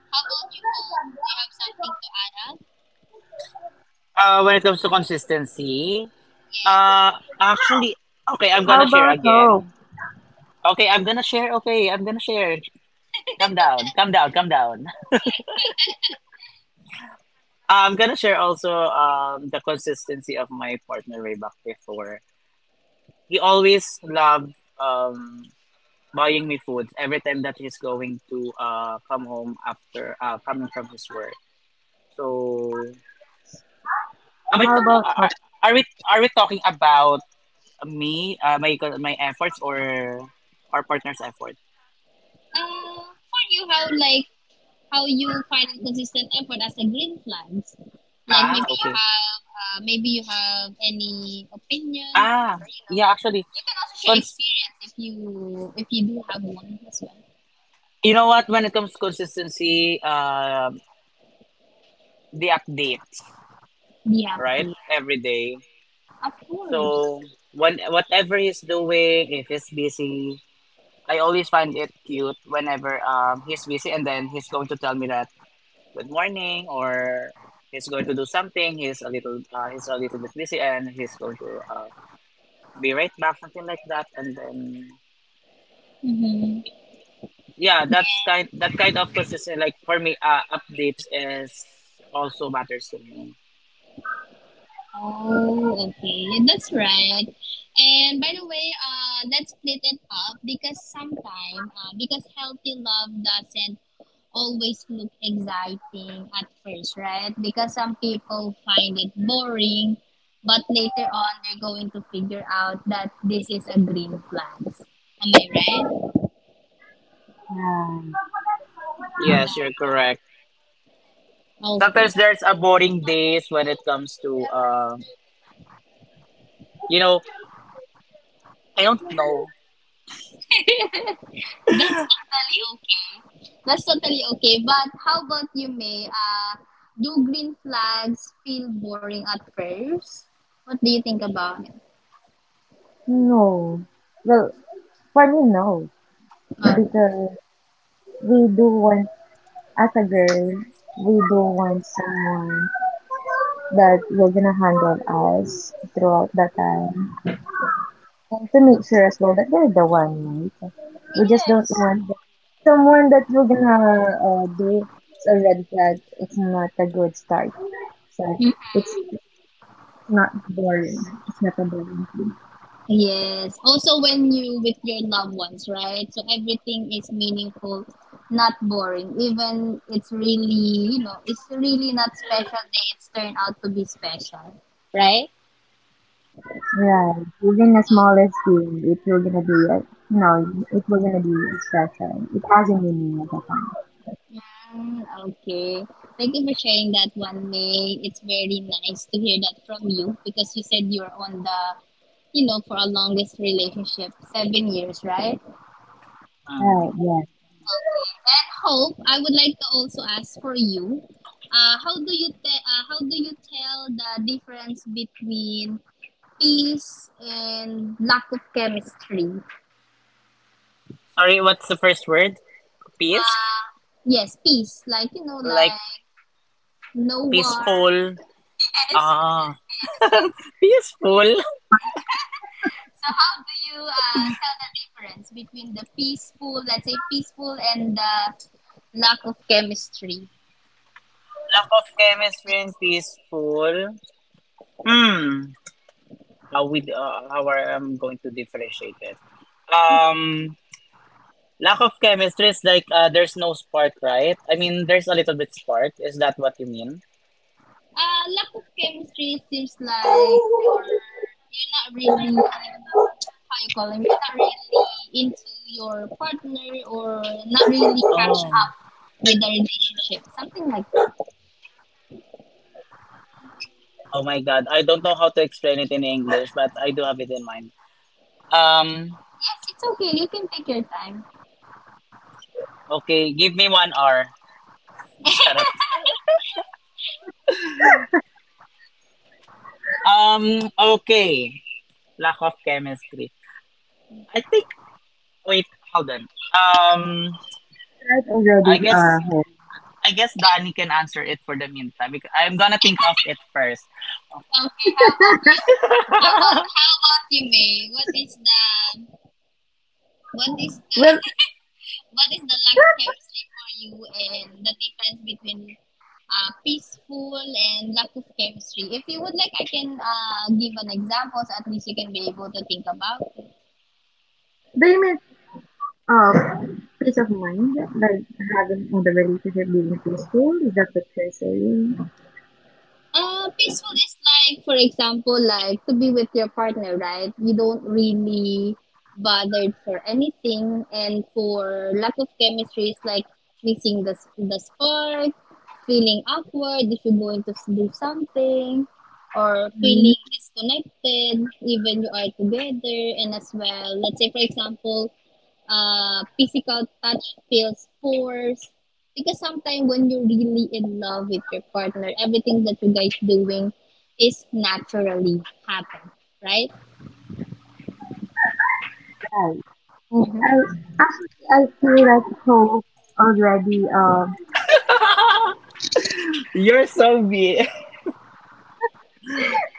Speaker 1: how about you, Hope? Do you have something to add up?
Speaker 2: When it comes to consistency,
Speaker 1: Yes.
Speaker 2: uh, actually, okay, I'm
Speaker 3: How
Speaker 2: gonna share
Speaker 3: about hope?
Speaker 2: again. Okay, I'm gonna share. Okay, I'm gonna share. Calm
Speaker 1: [laughs]
Speaker 2: down. Calm down. Calm down. [laughs] I'm gonna share also, the consistency of my partner way back before. He always loved, buying me food every time that he's going to come home after coming from his work. So, am I,
Speaker 3: How about
Speaker 2: are,
Speaker 3: top
Speaker 2: are we are we talking about me, my efforts, or our partner's effort?
Speaker 1: For you, how like how you find consistent effort as a green flags? Like
Speaker 2: Ah, okay.
Speaker 1: maybe you have any opinion or
Speaker 2: Ah,
Speaker 1: you know,
Speaker 2: yeah, actually,
Speaker 1: you can also share
Speaker 2: cons-
Speaker 1: experience if you do have one as well.
Speaker 2: you know what? When it comes to consistency, the updates,
Speaker 1: Yeah,
Speaker 2: right?
Speaker 1: dear.
Speaker 2: Every day.
Speaker 1: Of course.
Speaker 2: So, whatever he's doing, if he's busy, I always find it cute whenever, he's busy, and then he's going to tell me that good morning, or he's going to do something. He's a little bit busy, and he's going to, be right back, something like that. And then,
Speaker 1: Mm-hmm.
Speaker 2: yeah,
Speaker 1: Yeah.
Speaker 2: that kind of consistent. Like, for me, updates is also matters to me.
Speaker 1: Oh, okay. Yeah, that's right. And by the way, let's split it up because sometimes, because healthy love doesn't always look exciting at first, right? Because some people find it boring, but later on they're going to figure out that this is a green flag. Am I right?
Speaker 3: nine?
Speaker 2: Yes, you're correct.
Speaker 1: Okay.
Speaker 2: Sometimes there's a boring days when it comes to, you know, I don't know.
Speaker 1: That's totally okay. That's totally okay. But how about you, May? Do green flags feel boring at first? What do you think about it?
Speaker 3: No. Well, for me, no.
Speaker 1: Oh,
Speaker 3: Because we do want, as a girl, we do want someone that will gonna handle us throughout the time. And to make sure as well that they're the one, right? We just don't
Speaker 1: yes.
Speaker 3: want the- someone that you're gonna do, it's a red flag. It's not a good start. So
Speaker 1: Mhm.
Speaker 3: it's not boring. It's not a boring thing.
Speaker 1: Yes. Also, when you with your loved ones, right? So everything is meaningful, not boring. Even it's really, you know, it's really not special day. It's turned out to be special, right?
Speaker 3: Right. Even the smallest thing, it will gonna be, you know, it will gonna be special. It has a meaning at the time.
Speaker 1: Mm, okay. Thank you for sharing that one, May. It's very nice to hear that from you because you said you're on the, you know, for our longest relationship, 7 years, right?
Speaker 3: Right.
Speaker 2: Mm.
Speaker 3: Yes.
Speaker 1: Okay. And Hope, I would like to also ask for you, how do you how do you tell the difference between peace and lack of chemistry?
Speaker 2: Sorry, what's the first word? Peace.
Speaker 1: Uh, yes, peace, like you know,
Speaker 2: Like…
Speaker 1: like no war. [laughs]
Speaker 2: peaceful.
Speaker 1: Yes,
Speaker 2: Ah,
Speaker 1: yes, yes.
Speaker 2: peaceful.
Speaker 1: So how do you tell the difference between the peaceful, let's say peaceful, and the lack of chemistry?
Speaker 2: [laughs] Lack of chemistry and peaceful. Hmm. How I am going to differentiate it? Um, lack of chemistry is like, there's no spark, right? I mean, there's a little bit spark. Is that what you mean?
Speaker 1: Lack of chemistry seems like you're not really how you call it. You're not really into your partner or not really catch
Speaker 2: Oh,
Speaker 1: up with the relationship, something like that.
Speaker 2: oh my God! I don't know how to explain it in English, but I do have it in mind. Um,
Speaker 1: Yes, it's okay. You can take your time.
Speaker 2: okay, give me 1 hour. [laughs] Shut up.
Speaker 1: [laughs]
Speaker 2: Okay. Lack of chemistry. I think… Wait, hold on. Um,
Speaker 3: Right already,
Speaker 2: I guess
Speaker 3: hope.
Speaker 2: I guess Danny can answer it for the meantime, because I'm gonna think of it first.
Speaker 1: Okay, how about you?
Speaker 3: [laughs]
Speaker 1: How
Speaker 2: [laughs]
Speaker 1: about how about you, May? What is the what is
Speaker 3: Well,
Speaker 1: the what is the luck chemistry for you and the difference between peaceful and lack of chemistry? If you would like, I can give an example so at least you can be able to think about.
Speaker 3: do you mean uh, peace of mind? Like having in the relationship being peaceful? Is that what you're saying?
Speaker 1: Peaceful is like, for example, like to be with your partner, right? You don't really bothered for anything, and for lack of chemistry, is like missing the spark, feeling awkward if you're going to do something, or
Speaker 3: Mm,
Speaker 1: feeling disconnected even you are together. And as well, let's say for example, physical touch feels forced because sometimes when you're really in love with your partner, everything that you guys doing is naturally happen, right?
Speaker 3: right. And
Speaker 1: Mm-hmm.
Speaker 3: I feel like hope already
Speaker 2: You're so big.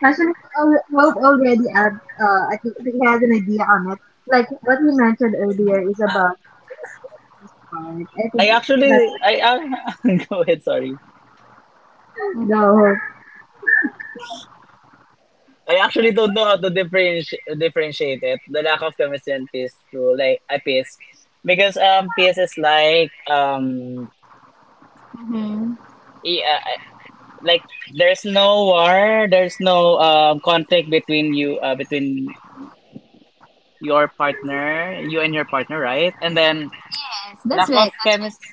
Speaker 3: hope already at I think he has an idea on it. Like what you mentioned earlier is about part. I think
Speaker 2: I
Speaker 3: that's
Speaker 2: actually I [laughs] go ahead. Sorry.
Speaker 3: the whole
Speaker 2: I actually don't know how to differentiate it. The lack of chemistry and peace. To like I peace Because, peace is like,
Speaker 1: Mm-hmm.
Speaker 2: yeah, like there's no war, there's no, conflict between your partner, you and your partner, right? And then,
Speaker 1: Yes, that's
Speaker 2: lack of
Speaker 1: right.
Speaker 2: chemis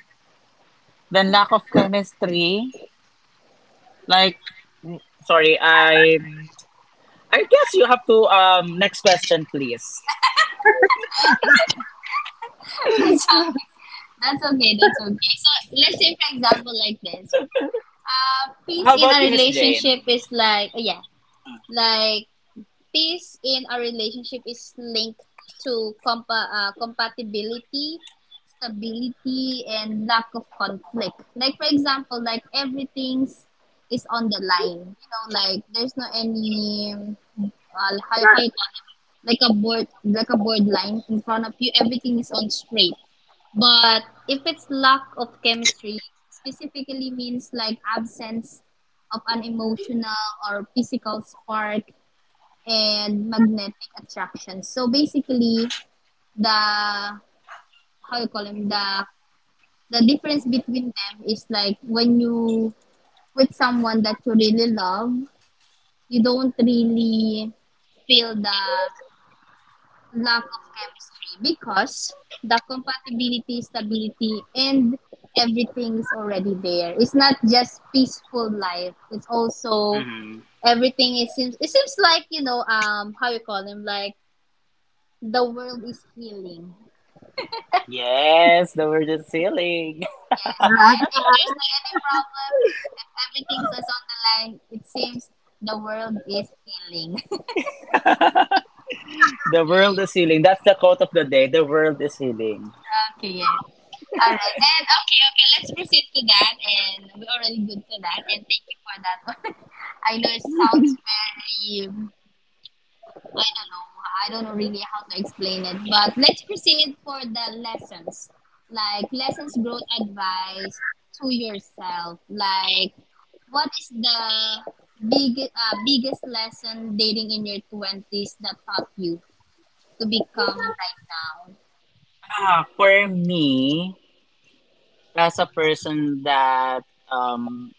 Speaker 2: then lack of chemistry. Like, sorry, I guess you have to, next question please.
Speaker 1: That's right. [laughs] That's okay. That's okay. That's okay. So let's say, for example, like this. Peace
Speaker 2: How
Speaker 1: in a
Speaker 2: about you, Miss Jane?
Speaker 1: relationship is like oh, yeah, like peace in a relationship is linked to compatibility, stability, and lack of conflict. Like, for example, like everything's is on the line. You know, like there's no any uh, how you call it? Like a board line in front of you. Everything is on straight. But if it's lack of chemistry, specifically means like absence of an emotional or physical spark and magnetic attraction. So basically, the how you call them the difference between them is like when you with someone that you really love, you don't really feel the lack of chemistry because the compatibility, stability, and everything is already there. It's not just peaceful life. It's also
Speaker 2: Hmm.
Speaker 1: everything. It seems like how you call them like the world is healing.
Speaker 2: Yes, the world is healing.
Speaker 1: Yes, right? If there's like any problem, if everything's us on the line, it seems the world is healing.
Speaker 2: [laughs] The world is healing. That's the quote of the day. The world is healing.
Speaker 1: [laughs] Okay, yes. Alright, and okay, okay, let's proceed to that, and we're already good to that, and thank you for that one. [laughs] I know it sounds very I don't know. I don't know really how to explain it, but let's proceed for the lessons. Like lessons growth advice to yourself. Like what is the biggest lesson dating in your 20s that taught you to become right now?
Speaker 2: Ah, for me, as a person that, um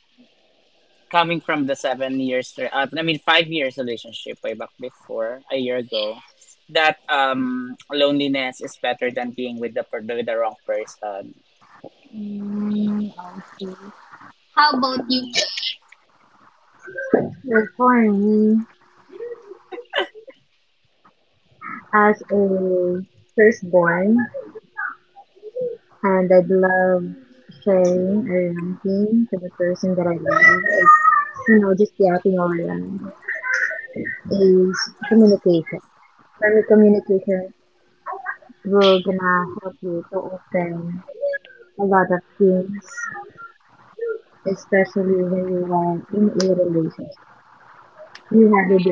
Speaker 2: coming from the 7 years, I mean, 5 years relationship way back before a year ago,
Speaker 1: Yes.
Speaker 2: that, loneliness is better than being with the, with the wrong person.
Speaker 1: Mm, okay. How about you?
Speaker 2: Mm.
Speaker 3: agriculture for me as a firstborn, and I'd love sharing a ranking to the person that I love. It's, you know, just yapping over them is communication. For me, communication will gonna help you to open a lot of things, especially when you are in a relationship. You have a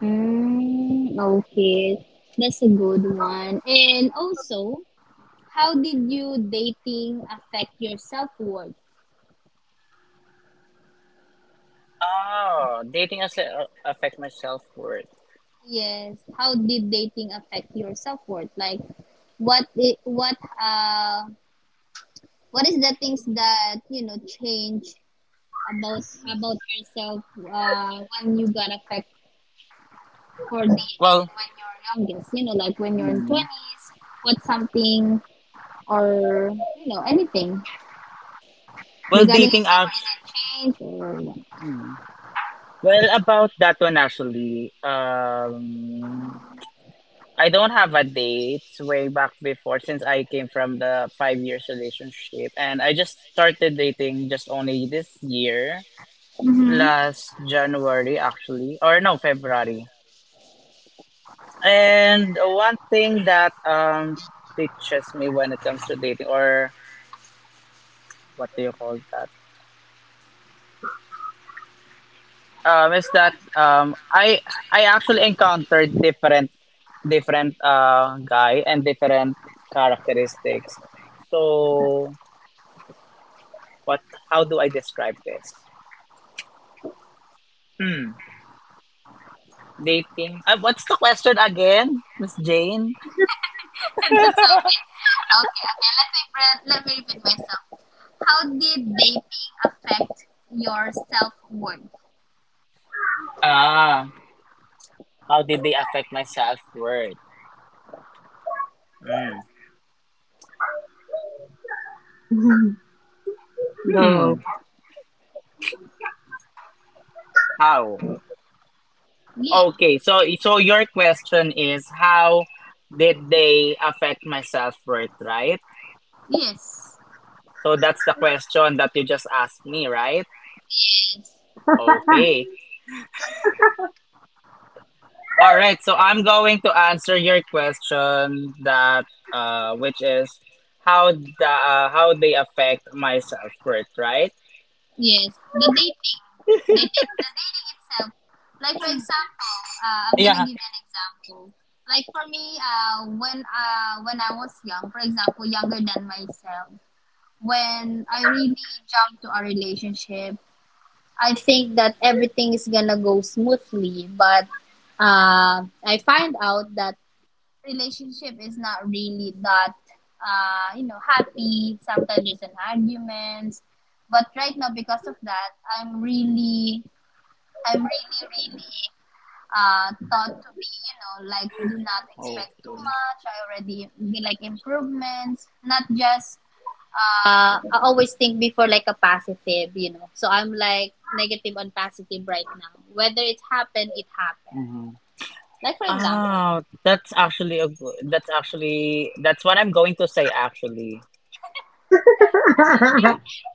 Speaker 1: Mel? Mm, okay. That's a good one. And also, how did you dating affect your self worth?
Speaker 2: Oh, dating as, affect my self-worth?
Speaker 1: Yes. How did dating affect your self worth? Like, what I- what is the things that you know change about about yourself when you got affect for dating
Speaker 2: Well…
Speaker 1: when you're youngest? You know, like when you're in
Speaker 2: mm,
Speaker 1: twenties. What's something or you know anything
Speaker 2: well
Speaker 1: regarding your
Speaker 2: dating
Speaker 1: self
Speaker 2: act
Speaker 1: worth? Is change or what?
Speaker 2: mm, well, about that one, actually, I don't have a date way back before, since I came from the 5 years relationship, and I just started dating just only this year,
Speaker 1: Mm-hmm.
Speaker 2: last January actually, or no, February. And one thing that, teaches me when it comes to dating, or what do you call that? Is that, I actually encountered different, guy and different characteristics. So… what? How do I describe this? Hmm. Dating. What's the question again, Miss Jane?
Speaker 1: [laughs] That's okay. Okay, okay. Let me repeat myself. How did dating affect your self worth?
Speaker 2: Ah, how did they affect my self worth? Hmm.
Speaker 3: different. [laughs]
Speaker 2: Hmm.
Speaker 3: Go.
Speaker 2: How?
Speaker 1: Yeah.
Speaker 2: Okay. So your question is, how did they affect my self worth, right?
Speaker 1: Yes.
Speaker 2: So that's the question that you just asked me, right?
Speaker 1: Yes.
Speaker 2: Okay. All right, so I'm going to answer your question, that, which is, how they affect my self-worth, right?
Speaker 1: Yes. The dating, the dating itself. Like for example, I'm gonna
Speaker 2: Yeah.
Speaker 1: give you an example. Like for me, when I was young, for example, younger than myself, when I really jumped to a relationship, I think that everything is gonna go smoothly, but I find out that relationship is not really that you know happy. Sometimes there's an arguments, but right now because of that, I'm really, really taught to be you know like do not expect too
Speaker 2: Okay.
Speaker 1: much. I already be like improvements, not just I always think before like a positive, you know. So I'm like negative on positive right now. Whether it happened, it happened.
Speaker 2: Hmm.
Speaker 1: Like for example.
Speaker 2: Oh, that's actually a good, that's actually that's what I'm going to say actually.
Speaker 3: [laughs]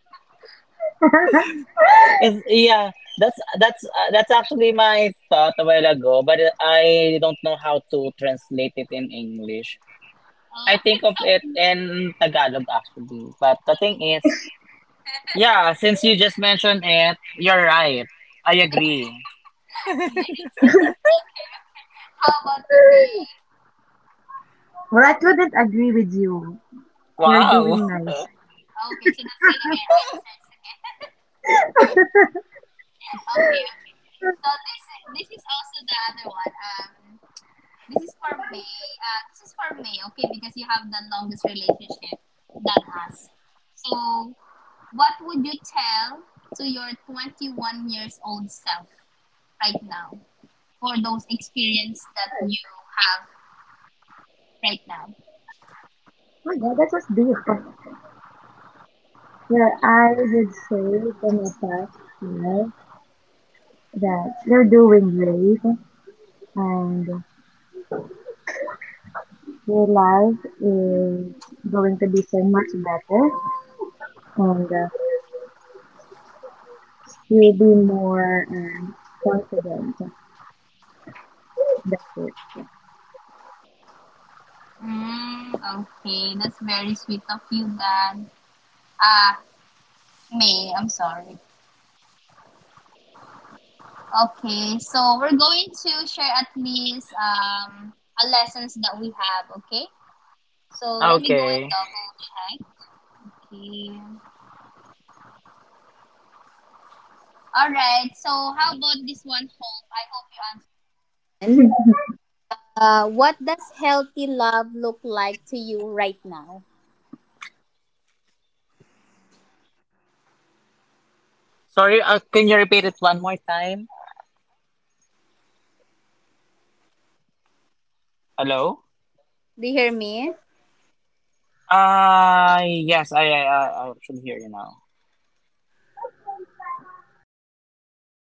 Speaker 2: Is, yeah, that's actually my thought a while ago, but I don't know how to translate it in English. I
Speaker 1: Oh, [laughs]
Speaker 2: think of it
Speaker 1: okay,
Speaker 2: in Tagalog actually, but the thing is… yeah, since you just mentioned it, you're right. I agree.
Speaker 1: yes. Okay. Okay. How about you, May?
Speaker 3: Well, I couldn't agree with you. You're
Speaker 2: Wow.
Speaker 3: doing
Speaker 2: [laughs]
Speaker 3: nice.
Speaker 1: Okay, so that's gonna be our answer together. [laughs] Okay, okay. So this is also the other one. This is for May. This is for May, okay, because you have the longest relationship than us. So, what would you tell to your 21 years old self right now for those experience that you have right now?
Speaker 3: Oh yeah, that was deep. Well, I would say for my past year that you're doing great and your life is going to be so much better, and you'll be more confident. That's it.
Speaker 1: Mm, okay, that's very sweet of you, Dan. Ah, May, I'm sorry. Okay, so we're going to share at least a lessons that we have, okay? So let me go and
Speaker 2: Okay.
Speaker 1: double check. Okay. All right. So, how about this one, Hope? I hope you answer.
Speaker 4: Does healthy love look like to you right now?
Speaker 2: Sorry, can you repeat it one more time? Hello?
Speaker 4: Do you hear me?
Speaker 2: Yes, I should hear you now.